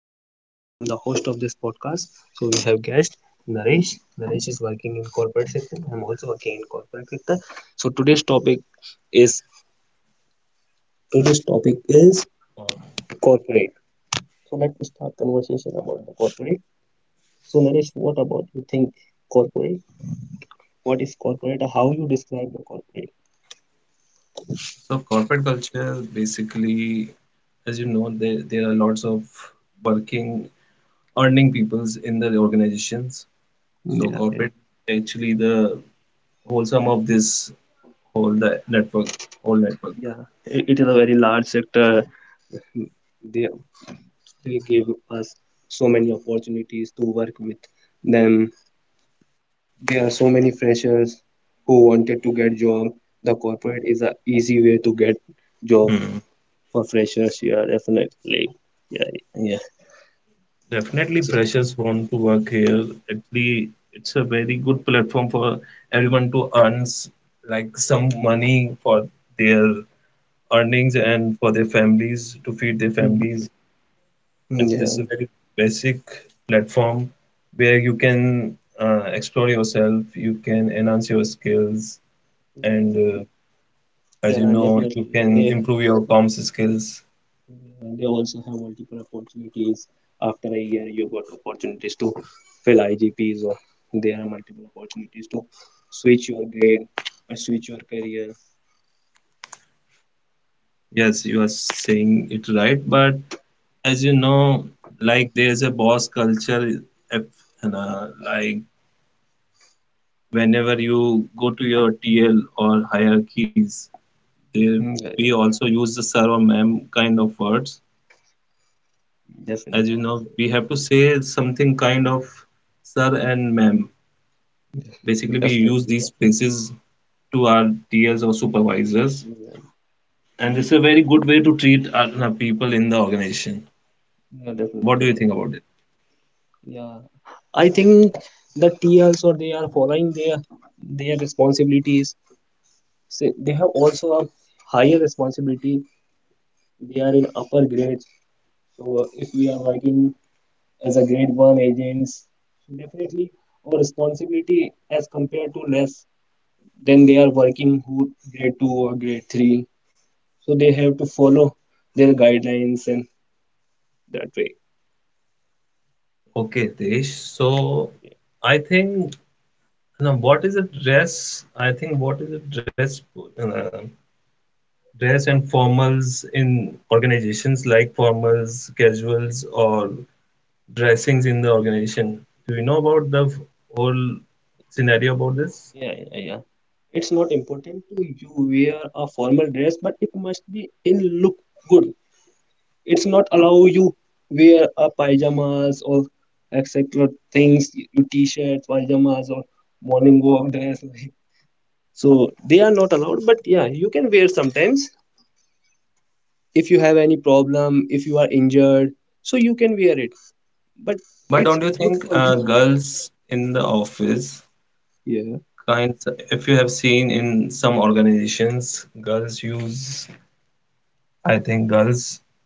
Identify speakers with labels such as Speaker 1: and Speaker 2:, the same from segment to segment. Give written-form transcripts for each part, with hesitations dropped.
Speaker 1: I am Hitesh. I am the host of this podcast. So we have guest Naresh. Naresh is working in corporate sector. I am also working in corporate sector. So is today's topic is
Speaker 2: Cor-
Speaker 1: corporate. So let's start conversation about the corporate. So Naresh, what about you think corporate? What is corporate? How you describe the corporate?
Speaker 2: So corporate culture basically, as you know, there are lots of working, earning peoples in the organizations.
Speaker 1: Yeah,
Speaker 2: So
Speaker 1: yeah,
Speaker 2: corporate actually the whole sum of this whole the network, whole network.
Speaker 1: yeah. It is a very large sector. They give us so many opportunities to work with them. There are so many freshers who wanted to get job. The corporate is a easy way to get job
Speaker 2: Hmm.
Speaker 1: for freshers. Yeah, definitely. Yeah, yeah. So-
Speaker 2: Definitely, freshers want to work here. Actually, it's a very good platform for everyone to like some money for their earnings and for their families to feed their
Speaker 1: Mm,
Speaker 2: families.
Speaker 1: yeah,
Speaker 2: And this is a very basic platform where you can explore yourself, you can enhance your skills,
Speaker 1: yeah,
Speaker 2: and
Speaker 1: yeah,
Speaker 2: as you know,
Speaker 1: definitely.
Speaker 2: you
Speaker 1: They
Speaker 2: can improve your comms skills.
Speaker 1: Yeah, they also have multiple opportunities. After a year, you got opportunities to fill IGPs, or there are multiple opportunities to switch your grade, or switch your career.
Speaker 2: Yes, you are saying it right, but as you know, like there's a boss culture, if, and, like whenever you go to your TL or hierarchies, they
Speaker 1: Mm, yeah, yeah,
Speaker 2: we also use the sir or ma'am kind of words,
Speaker 1: definitely,
Speaker 2: as you know. We
Speaker 1: definitely,
Speaker 2: have to say something kind of sir and ma'am. Basically, we
Speaker 1: definitely.
Speaker 2: use these phrases to our TLs or supervisors,
Speaker 1: Yeah.
Speaker 2: and this is a very good way to treat our people in the organization.
Speaker 1: Yeah, definitely,
Speaker 2: What do you
Speaker 1: definitely.
Speaker 2: think about it?
Speaker 1: Yeah, I think the TLs or they are following their responsibilities. So they have also a higher responsibility. They are in upper grades. So if we are working as a grade one agents, definitely our responsibility as compared to less than they are working who grade two or grade three. So they have to follow their guidelines and that way.
Speaker 2: Okay, Desh. So I think now what is a dress? I think what is a dress? Uh, dress and formals in organizations like formals, casuals, or dressings in the organization. Do you know about the whole scenario about
Speaker 1: Yeah,
Speaker 2: this?
Speaker 1: yeah, yeah. It's not important to you wear a formal dress, but it must be in look good. It's not allow you wear a pajamas or etc. things, your t-shirts, pajamas or morning walk dress. So they are not allowed, but yeah, you can wear sometimes if you have any problem, if you are injured, so you can wear it. But
Speaker 2: But
Speaker 1: it's
Speaker 2: don't you
Speaker 1: good
Speaker 2: think
Speaker 1: for you.
Speaker 2: girls in the office
Speaker 1: Yeah.
Speaker 2: kind? If you have seen in some organizations, girls use, I think girls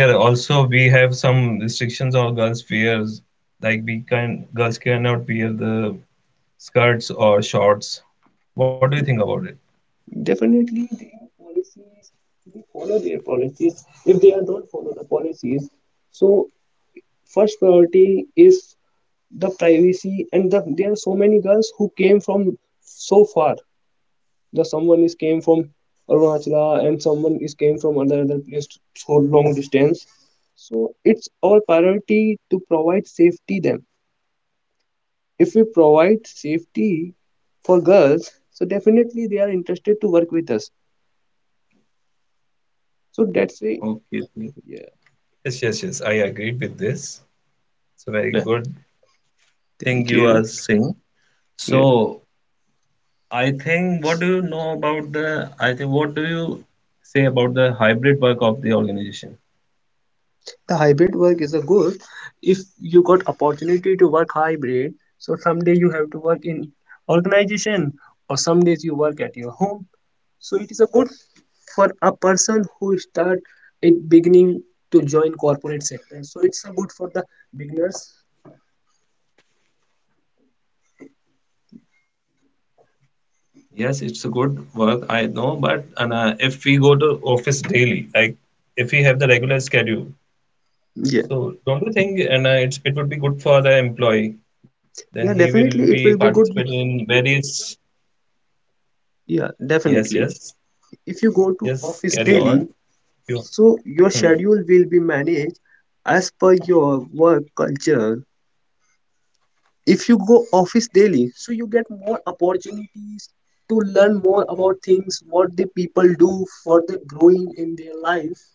Speaker 2: wear also we have some restrictions on girls wears like we can girls cannot wear the skirts or shorts. What do you think about it?
Speaker 1: Definitely, they policies, they follow their policies. If they are don't follow the policies, so first priority is the privacy. And there are so many girls who came from so far. The someone is came from Arunachala and someone is came from other place so long distance. So it's our priority to provide safety them. If we provide safety for girls, so definitely they are interested to work with us. So that's why.
Speaker 2: Okay.
Speaker 1: Yeah.
Speaker 2: Yes, yes, yes, I agreed with this. It's a very
Speaker 1: Yeah.
Speaker 2: good thing
Speaker 1: Thank
Speaker 2: you
Speaker 1: you.
Speaker 2: are saying.
Speaker 1: Yeah.
Speaker 2: So I think what do you say about the hybrid work of the organization?
Speaker 1: The hybrid work is a good if you got opportunity to work hybrid, so someday you have to work in organization or some days you work at your home, so it is a good for a person who start at beginning to join corporate sector, so it's a good for the beginners.
Speaker 2: Yes, it's a good work, I know, but and if we go to office daily, like if we have the regular schedule,
Speaker 1: Yeah.
Speaker 2: so don't you think and it would be good for the employee? Then
Speaker 1: Yeah,
Speaker 2: he will
Speaker 1: definitely it
Speaker 2: be
Speaker 1: will be good.
Speaker 2: participating in various.
Speaker 1: Yeah,
Speaker 2: Yes,
Speaker 1: definitely,
Speaker 2: yes,
Speaker 1: if you go to
Speaker 2: yes.
Speaker 1: office
Speaker 2: Carry on.
Speaker 1: daily,
Speaker 2: You.
Speaker 1: so your
Speaker 2: Hmm.
Speaker 1: schedule will be managed as per your work culture. If you go office daily, so you get more opportunities to learn more about things, what the people do for the growing in their life.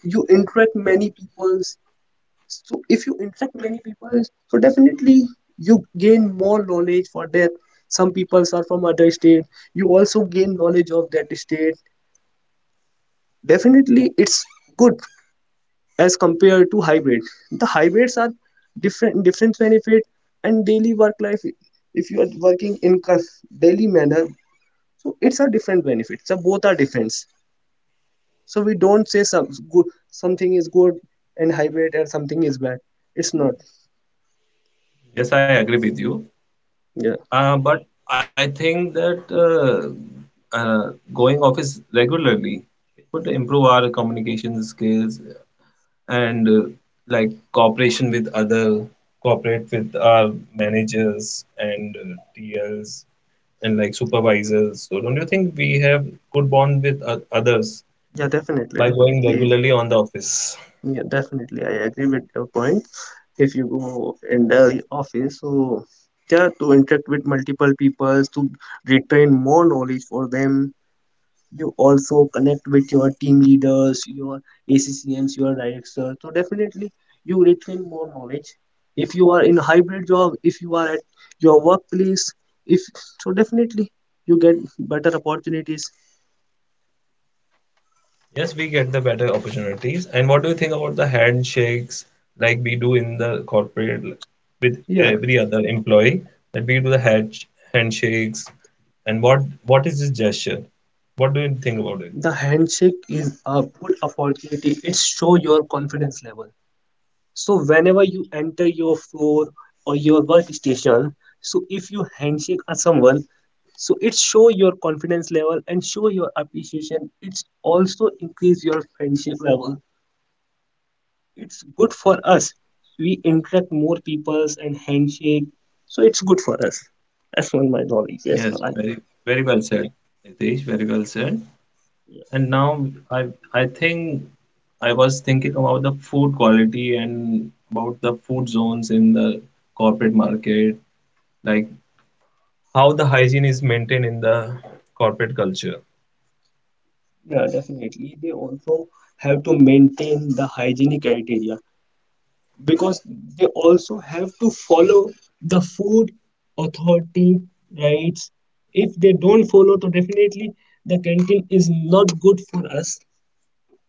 Speaker 1: You interact many people. So if you interact many people, so definitely you gain more knowledge for that. Some people are from other state. You also gain knowledge of that state. Definitely, it's good as compared to hybrid. The hybrids are different different benefit, and daily work life, if you are working in daily manner, so it's a different benefit, so both are different, so we don't say good something is good and hybrid and something is bad, it's not.
Speaker 2: Yes, I agree with you.
Speaker 1: Yeah,
Speaker 2: But I think that going office regularly it would improve our communication skills and like cooperate with our managers and TLs and like supervisors. So don't you think we have good bond with others
Speaker 1: yeah, definitely,
Speaker 2: by going
Speaker 1: definitely,
Speaker 2: regularly on the office?
Speaker 1: yeah, definitely, I agree with your point. If you go in the office, so yeah, to interact with multiple people, to retain more knowledge for them, you also connect with your team leaders, your ACCMs, your directors. So definitely you retain more knowledge. If you are in hybrid job, if you are at your workplace, if so definitely you get better opportunities.
Speaker 2: Yes, we get the better opportunities. And what do you think about the handshakes like we do in the corporate with
Speaker 1: Yeah,
Speaker 2: every other employee that we do the handshakes and what is this gesture? What do you think about
Speaker 1: the
Speaker 2: it?
Speaker 1: handshake is a good opportunity. It show your confidence level. So whenever you enter your floor or your workstation, so if you handshake at someone, so it show your confidence level and show your appreciation. It's also increase your friendship level. It's good for us. We interact more peoples and handshake. So it's good for us. That's one my knowledge. Yes,
Speaker 2: Yes,
Speaker 1: I,
Speaker 2: very very well said, Nitish. Very well said.
Speaker 1: yes.
Speaker 2: And now I I think I was thinking about the food quality and about the food zones in the corporate market. Like how the hygiene is maintained in the corporate culture.
Speaker 1: Yeah, definitely. They also have to maintain the hygienic criteria, because they also have to follow the food authority rights. If they don't follow, so definitely the canteen is not good for us.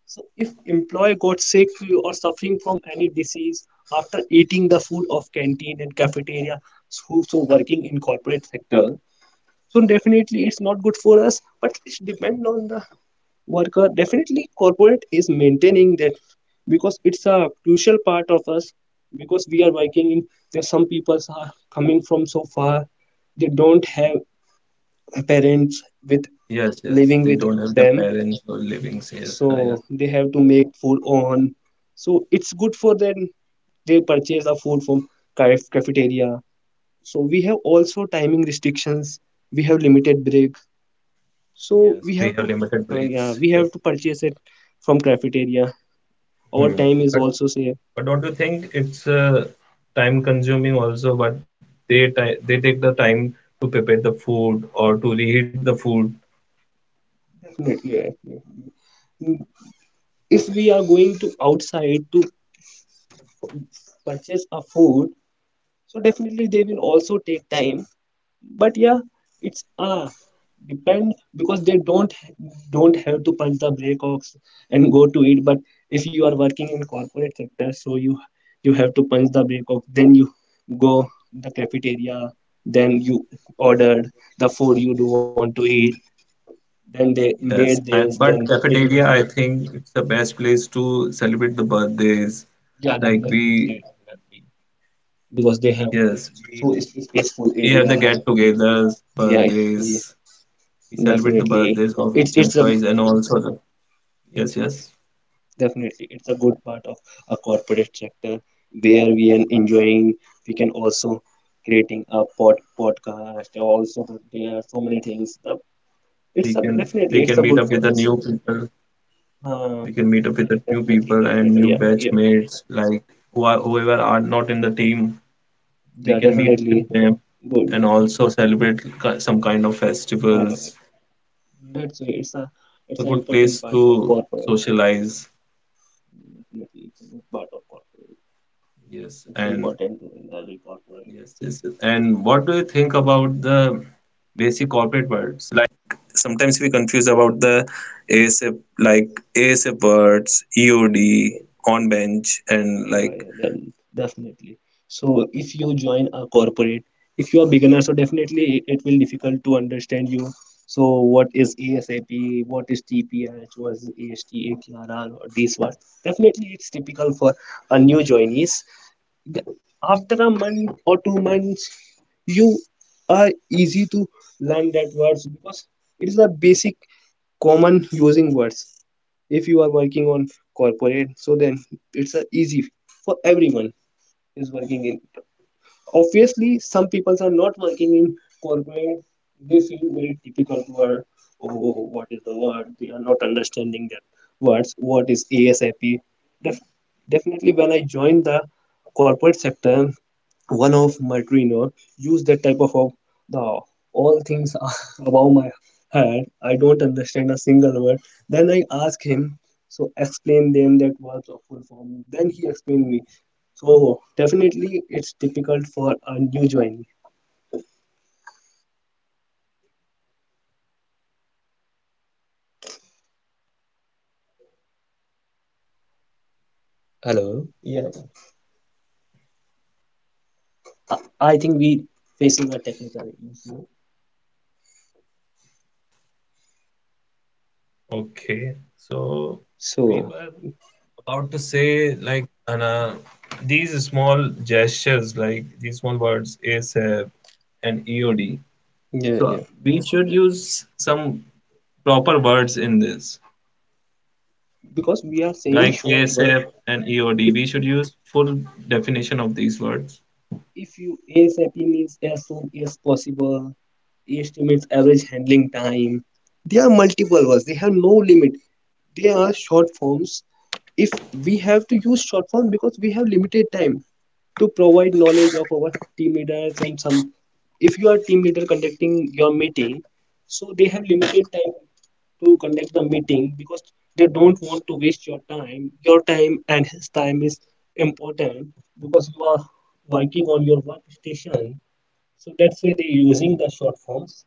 Speaker 1: So if employee got sick or suffering from any disease after eating the food of canteen and cafeteria, so working in corporate sector, so definitely it's not good for us, but it depends on the worker. Definitely corporate is maintaining that because it's a crucial part of us, because we are working in there. Some people are coming from so far, they don't have parents with
Speaker 2: Yes,
Speaker 1: living
Speaker 2: yes,
Speaker 1: with
Speaker 2: they don't have the
Speaker 1: them,
Speaker 2: parents or livings. Yes,
Speaker 1: so
Speaker 2: yes.
Speaker 1: they have to make food on, so it's good for them. They purchase the food from cafeteria. So we have also timing restrictions, we have limited break, so we
Speaker 2: Yes,
Speaker 1: have to,
Speaker 2: we have limited
Speaker 1: yeah, we
Speaker 2: breaks.
Speaker 1: have to
Speaker 2: Yes.
Speaker 1: purchase it from cafeteria. Our time
Speaker 2: Hmm.
Speaker 1: is also
Speaker 2: But
Speaker 1: saved.
Speaker 2: but don't you think it's time consuming also? But they ti they take the time to prepare the food or to reheat the food.
Speaker 1: Definitely, yeah. Yeah. If we are going to outside to purchase a food, so definitely they will also take time. But yeah, it's depends, because they don't have to punch the brake ox and go to it. But if you are working in corporate sector, so you have to punch the brake ox, then you go the cafeteria, then you ordered the food you do want to eat, then they made
Speaker 2: Yes, and
Speaker 1: this, then
Speaker 2: but
Speaker 1: it
Speaker 2: cafeteria,
Speaker 1: will
Speaker 2: I
Speaker 1: take.
Speaker 2: think it's the best place to celebrate the birthdays.
Speaker 1: Yeah,
Speaker 2: Like
Speaker 1: definitely
Speaker 2: we,
Speaker 1: it will help me, because they have,
Speaker 2: yes,
Speaker 1: so it's peaceful
Speaker 2: we have the
Speaker 1: area.
Speaker 2: get-togethers,
Speaker 1: Yeah, yeah,
Speaker 2: birthdays, we celebrate the
Speaker 1: definitely,
Speaker 2: birthdays of each
Speaker 1: it's a.
Speaker 2: employees and also the, yes yes,
Speaker 1: Definitely, it's a good part of a corporate sector where we are enjoying. We can also creating a podcast. Also, there are so many things.
Speaker 2: we
Speaker 1: It's a
Speaker 2: can, we can
Speaker 1: Definitely, it's
Speaker 2: meet
Speaker 1: a
Speaker 2: up
Speaker 1: good
Speaker 2: with the
Speaker 1: for
Speaker 2: new
Speaker 1: us.
Speaker 2: people we
Speaker 1: Uh,
Speaker 2: can meet up with the
Speaker 1: yeah,
Speaker 2: new
Speaker 1: definitely,
Speaker 2: people and new
Speaker 1: definitely, yeah,
Speaker 2: batch
Speaker 1: yeah,
Speaker 2: mates like whoever are not in the team, we
Speaker 1: yeah,
Speaker 2: can meet with
Speaker 1: definitely
Speaker 2: them
Speaker 1: good.
Speaker 2: and also celebrate some kind of
Speaker 1: My God, yeah,
Speaker 2: festivals,
Speaker 1: that's why it's a it's
Speaker 2: a
Speaker 1: an
Speaker 2: good
Speaker 1: important
Speaker 2: place
Speaker 1: part of
Speaker 2: to
Speaker 1: corporate.
Speaker 2: socialize.
Speaker 1: Definitely, it's a good part of corporate. It's
Speaker 2: Yes, and
Speaker 1: important to every corporate.
Speaker 2: yes yes yes, and what do you think about the basic corporate world
Speaker 1: Oh, yeah, then definitely. So if you join a corporate, if you are beginner, so definitely it will difficult to understand you. So what is ASAP? What is TPH? What is AST, ATRR, or this one? Definitely, it's typical for a new joinees, after a month or 2 months you are easy to learn that words, because it is a basic common using words. If you are working on corporate, so then it's a easy for everyone is working in. Obviously some people are not working in corporate, they feel very difficult word. Oh, oh, oh, what is the word? They are not understanding their words, what is ASAP? Def- Definitely, when I joined the corporate sector, one of my trainer used that type of the, all things are above my head, I don't understand a single word. Then I ask him, so explain them that what's a full form. Then he explained me. So definitely it's difficult for a new joinee. Hello. Yeah. I I think we facing a technical issue.
Speaker 3: Okay, so we were
Speaker 1: So
Speaker 3: about to say like Anna, these small gestures, like these small words, ASAP and EOD.
Speaker 1: yeah,
Speaker 3: So
Speaker 1: yeah.
Speaker 3: we should use some proper words in this,
Speaker 1: Because we are saying
Speaker 3: like
Speaker 1: short word.
Speaker 3: ASAP and EOD.
Speaker 1: If
Speaker 3: We should use full definition of these words.
Speaker 1: If you ASAP means as soon as possible, AST means average handling time. There are multiple words, they have no limit. They are short forms. If we have to use short form because we have limited time to provide knowledge of our team leaders, and some, if you are team leader conducting your meeting, so they have limited time to conduct the meeting, because they don't want to waste your time. Your time and his time is important because you are working on your workstation. So that's why they're using the short forms.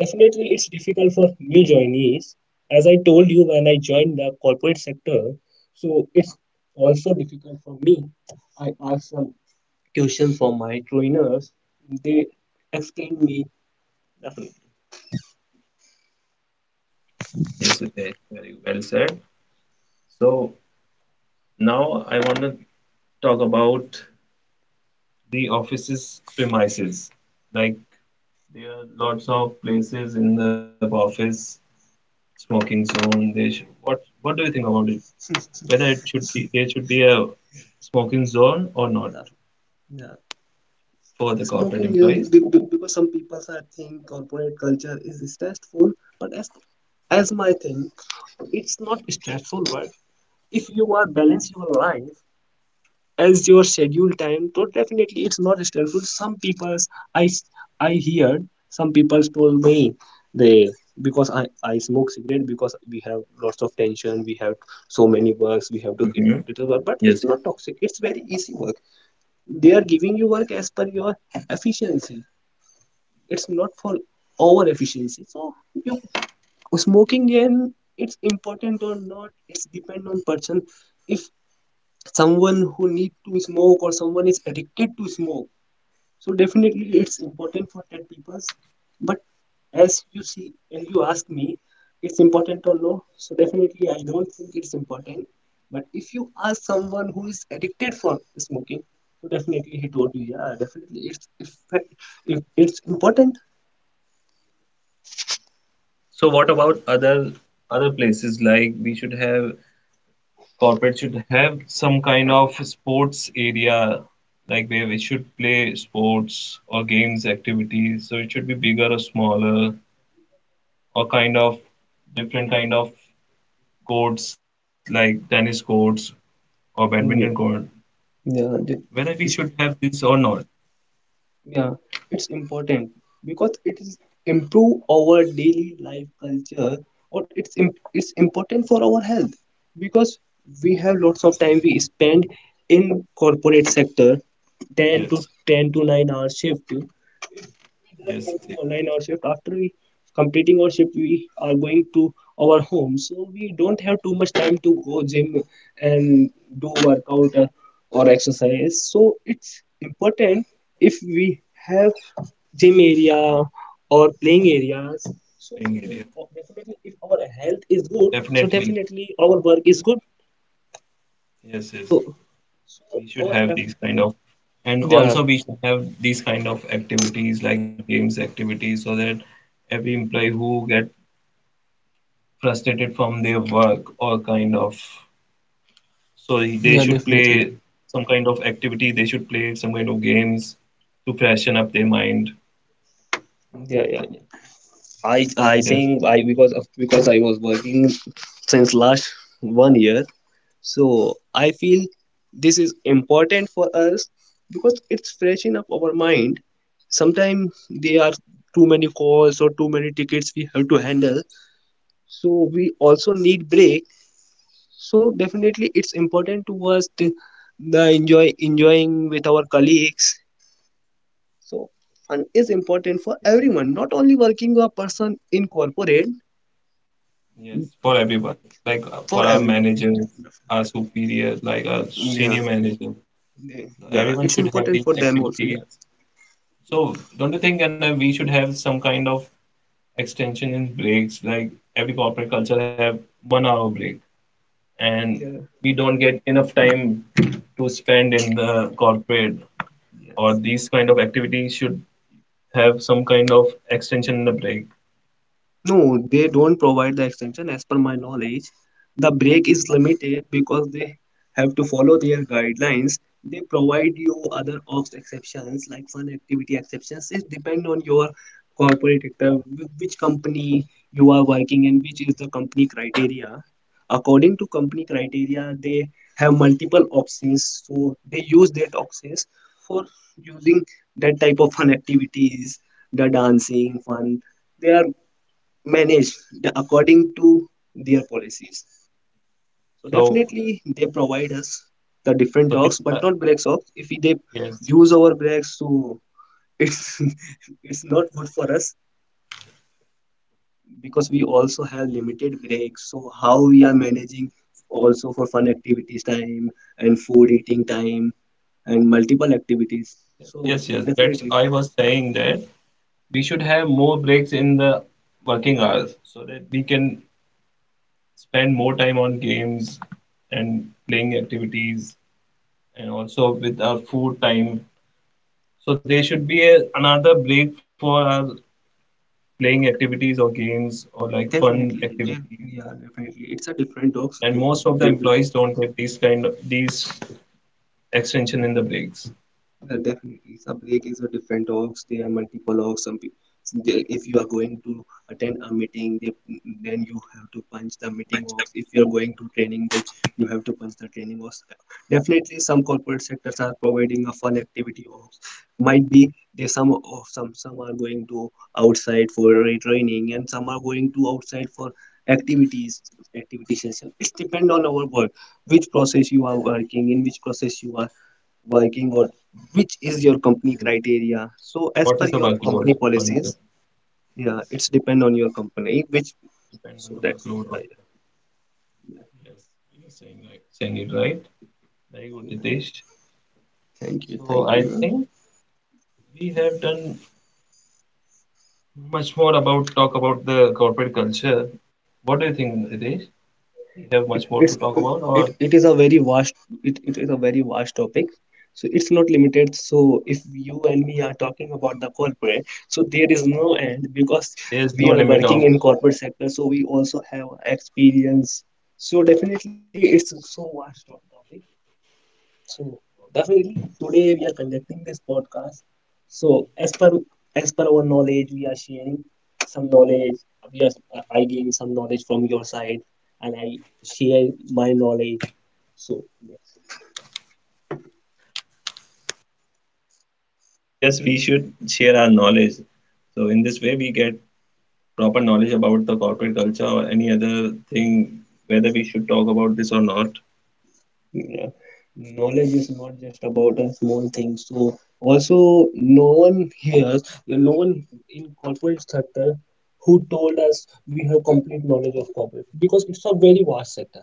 Speaker 1: Definitely, it's difficult for new joinees. As I told you when I joined the corporate sector, so it's also difficult for me. I asked some question for my trainers. They explained me definitely.
Speaker 3: Yes, Hitesh, very well said. So now I want to talk about the office's premises, like there are lots of places in the office smoking zone. They should, what do you think about it? Whether
Speaker 1: Definitely.
Speaker 3: it should be there should be a smoking zone or not
Speaker 1: Yeah.
Speaker 3: for the corporate
Speaker 1: Smoking,
Speaker 3: employees?
Speaker 1: because some people are think corporate culture is stressful, but as my thing it's not stressful. But if you are balance your life as your schedule time, so definitely it's not stressful. Some people, I heard, some people told me they, because I smoke cigarette because we have lots of tension, we have so many works, we have to. it,
Speaker 3: Hmm.
Speaker 1: it is work, but
Speaker 3: Yes, yes.
Speaker 1: it's not toxic, it's very easy work. They are giving you work as per your efficiency, it's not for over efficiency. So you, smoking, and it's important or not, it's depend on person. If someone who need to smoke or someone is addicted to smoke, so definitely it's important for that people. But as you see, as you ask me, it's important or no, so definitely I don't think it's important. But if you ask someone who is addicted for smoking, so definitely he told you yeah, definitely it's important.
Speaker 3: So what about other places like we should have corporate should have some kind of sports area, like where we should play sports or games activities. So it should be bigger or smaller, or kind of different kind of courts like tennis courts or badminton court,
Speaker 1: Mm, yeah. Yeah, the-
Speaker 3: whether we should
Speaker 1: it's,
Speaker 3: have this or not.
Speaker 1: yeah, it's important because it is improve our daily life culture or it's important for our health because we have lots of time we spend in corporate sector 10 to
Speaker 3: Yes,
Speaker 1: 10 to 9 hour shift just
Speaker 3: yes,
Speaker 1: working
Speaker 3: yes,
Speaker 1: online our
Speaker 3: yes,
Speaker 1: shift after we completing our shift we are going to our home, so we don't have too much time to go gym and do workout, or exercise. So it's important if we have gym area or playing areas, so
Speaker 3: playing
Speaker 1: it
Speaker 3: area.
Speaker 1: will definitely, if our health is good, so
Speaker 3: Definitely.
Speaker 1: definitely our work is good,
Speaker 3: Yes,
Speaker 1: so
Speaker 3: yes.
Speaker 1: so
Speaker 3: We
Speaker 1: our
Speaker 3: should have
Speaker 1: effort,
Speaker 3: these
Speaker 1: yeah,
Speaker 3: kind of, and
Speaker 1: yeah,
Speaker 3: also we should have these kind of activities like games activities so that every employee who get frustrated from their work or kind of, so they
Speaker 1: yeah,
Speaker 3: should
Speaker 1: definitely,
Speaker 3: play some kind of activity, they should play some kind of games to freshen up their mind.
Speaker 1: yeah, yeah, yeah. I
Speaker 3: Yes.
Speaker 1: think I because of because I was working since last 1 year, so I feel this is important for us because it's freshen up our mind. Sometimes there are too many calls or too many tickets we have to handle, so we also need break. So definitely it's important to us to the enjoy enjoying with our colleagues. So fun is important for everyone, not only working a person in corporate.
Speaker 3: Yes, for everyone, like
Speaker 1: For
Speaker 3: for our
Speaker 1: everyone, yeah,
Speaker 3: managers, our
Speaker 1: definitely,
Speaker 3: superiors, like our
Speaker 1: yeah, yeah,
Speaker 3: senior managers, so
Speaker 1: yeah,
Speaker 3: everyone
Speaker 1: it's
Speaker 3: should have
Speaker 1: important
Speaker 3: these
Speaker 1: for them also, yeah,
Speaker 3: activities. So don't you think, and we should have some kind of extension in breaks? Like every corporate culture have 1 hour break, and
Speaker 1: yeah,
Speaker 3: we don't get enough time to spend in the corporate or
Speaker 1: yes.
Speaker 3: these kind of activities should have some kind of extension in the break.
Speaker 1: No, they don't provide the extension as per my knowledge. The break is limited because they have to follow their guidelines. They provide you other ops exceptions like fun activity exceptions. It depends on your corporate sector, which company you are working and which is the company criteria. According to company criteria, they have multiple options. So they use that options for using that type of fun activities, the dancing, fun they are managed the, according to their policies. So
Speaker 3: So,
Speaker 1: definitely they provide us the different
Speaker 3: so this,
Speaker 1: talks, but not black socks. If we, they
Speaker 3: yes,
Speaker 1: use our breaks, so it's it's not good for us because we also have limited breaks. So how we are managing also for fun activities time and food eating time and multiple activities. So
Speaker 3: yes, yes, yes. That's
Speaker 1: definitely,
Speaker 3: I was saying that we should have more breaks in the working hours so that we can spend more time on games and playing activities and also with our food time. So there should be a, another break for our playing activities or games or like fun
Speaker 1: definitely, they,
Speaker 3: activities.
Speaker 1: yeah, definitely, it's a different talks.
Speaker 3: And most of the employees don't get these kind of these extension in the breaks.
Speaker 1: Yeah, definitely. Sub break is a different orgs. There are multiple orgs. Some people, if you are going to attend a meeting, they, then you have to punch the meeting orgs. If you are going to training, then you have to punch the training orgs. Definitely, some corporate sectors are providing a fun activity orgs. Might be they some of some are going to outside for training, and some are going to outside for activities activity session. It depends on our work, which process you are working in, which process you are working or which is your company
Speaker 3: Yes.
Speaker 1: criteria, so as
Speaker 3: What is
Speaker 1: per
Speaker 3: the
Speaker 1: your
Speaker 3: workload
Speaker 1: company
Speaker 3: on the
Speaker 1: policies, yeah,
Speaker 3: yes,
Speaker 1: it's depend on your company which,
Speaker 3: depend on
Speaker 1: so
Speaker 3: the
Speaker 1: that's it.
Speaker 3: workload
Speaker 1: Yeah,
Speaker 3: also.
Speaker 1: yeah, yeah.
Speaker 3: Yes, you're saying right, saying it right. Very good, Ritesh.
Speaker 1: Thank you,
Speaker 3: So
Speaker 1: thank
Speaker 3: I
Speaker 1: you.
Speaker 3: think we have done much more about talk about the corporate culture. What do you think, Ritesh? We have much more
Speaker 1: it,
Speaker 3: to talk
Speaker 1: it's
Speaker 3: about, or
Speaker 1: it, it is a very vast, it is a very vast topic, so it's not limited. So if you and me are talking about the corporate, so there is no end because
Speaker 3: there's no
Speaker 1: we are
Speaker 3: limit
Speaker 1: working
Speaker 3: of
Speaker 1: in corporate sector, so we also have experience, so definitely it's so vast topic. So definitely today we are conducting this podcast. So as per our knowledge, we are sharing some knowledge. We are, I gain some knowledge from your side, and I share my knowledge. So yeah.
Speaker 3: yes, we should share our knowledge. So in this way, we get proper knowledge about the corporate culture or any other thing, whether we should talk about this or not.
Speaker 1: Yeah. Knowledge is not just about a small thing. So also no one hears, no one in corporate sector who told us we have complete knowledge of corporate because it's a very vast sector.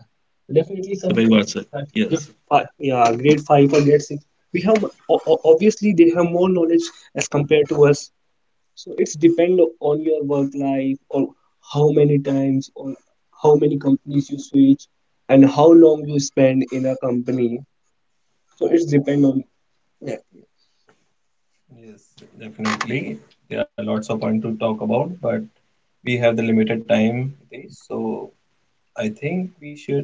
Speaker 1: Definitely
Speaker 3: So
Speaker 1: some
Speaker 3: very well said. Yes.
Speaker 1: gift five, yeah, grade five or grade six. We have obviously they have more knowledge as compared to us, so it's depend on your work life, or how many times, or how many companies you switch and how long you spend in a company, so it's depend on. Yeah.
Speaker 3: Yes, definitely. There are lots of point to talk about, but we have the limited time, Ritesh. So I think we should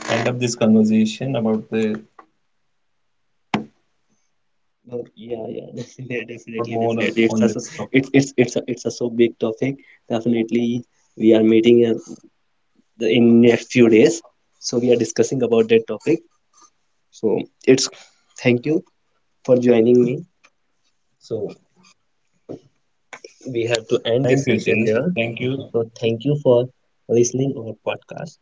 Speaker 3: end up this conversation about the,
Speaker 1: Oh, yeah,
Speaker 3: or
Speaker 1: yeah,
Speaker 3: we should
Speaker 1: definitely,
Speaker 3: talk about
Speaker 1: definitely,
Speaker 3: more
Speaker 1: definitely.
Speaker 3: on
Speaker 1: It's a
Speaker 3: this
Speaker 1: so
Speaker 3: topic.
Speaker 1: it's a so big topic. Definitely, we are meeting in, in next few days, so we are discussing about that topic. So it's thank you for joining me. So we have to end
Speaker 3: Thank
Speaker 1: this
Speaker 3: you,
Speaker 1: session
Speaker 3: Hitesh.
Speaker 1: here.
Speaker 3: Thank you.
Speaker 1: So thank you for listening our podcast.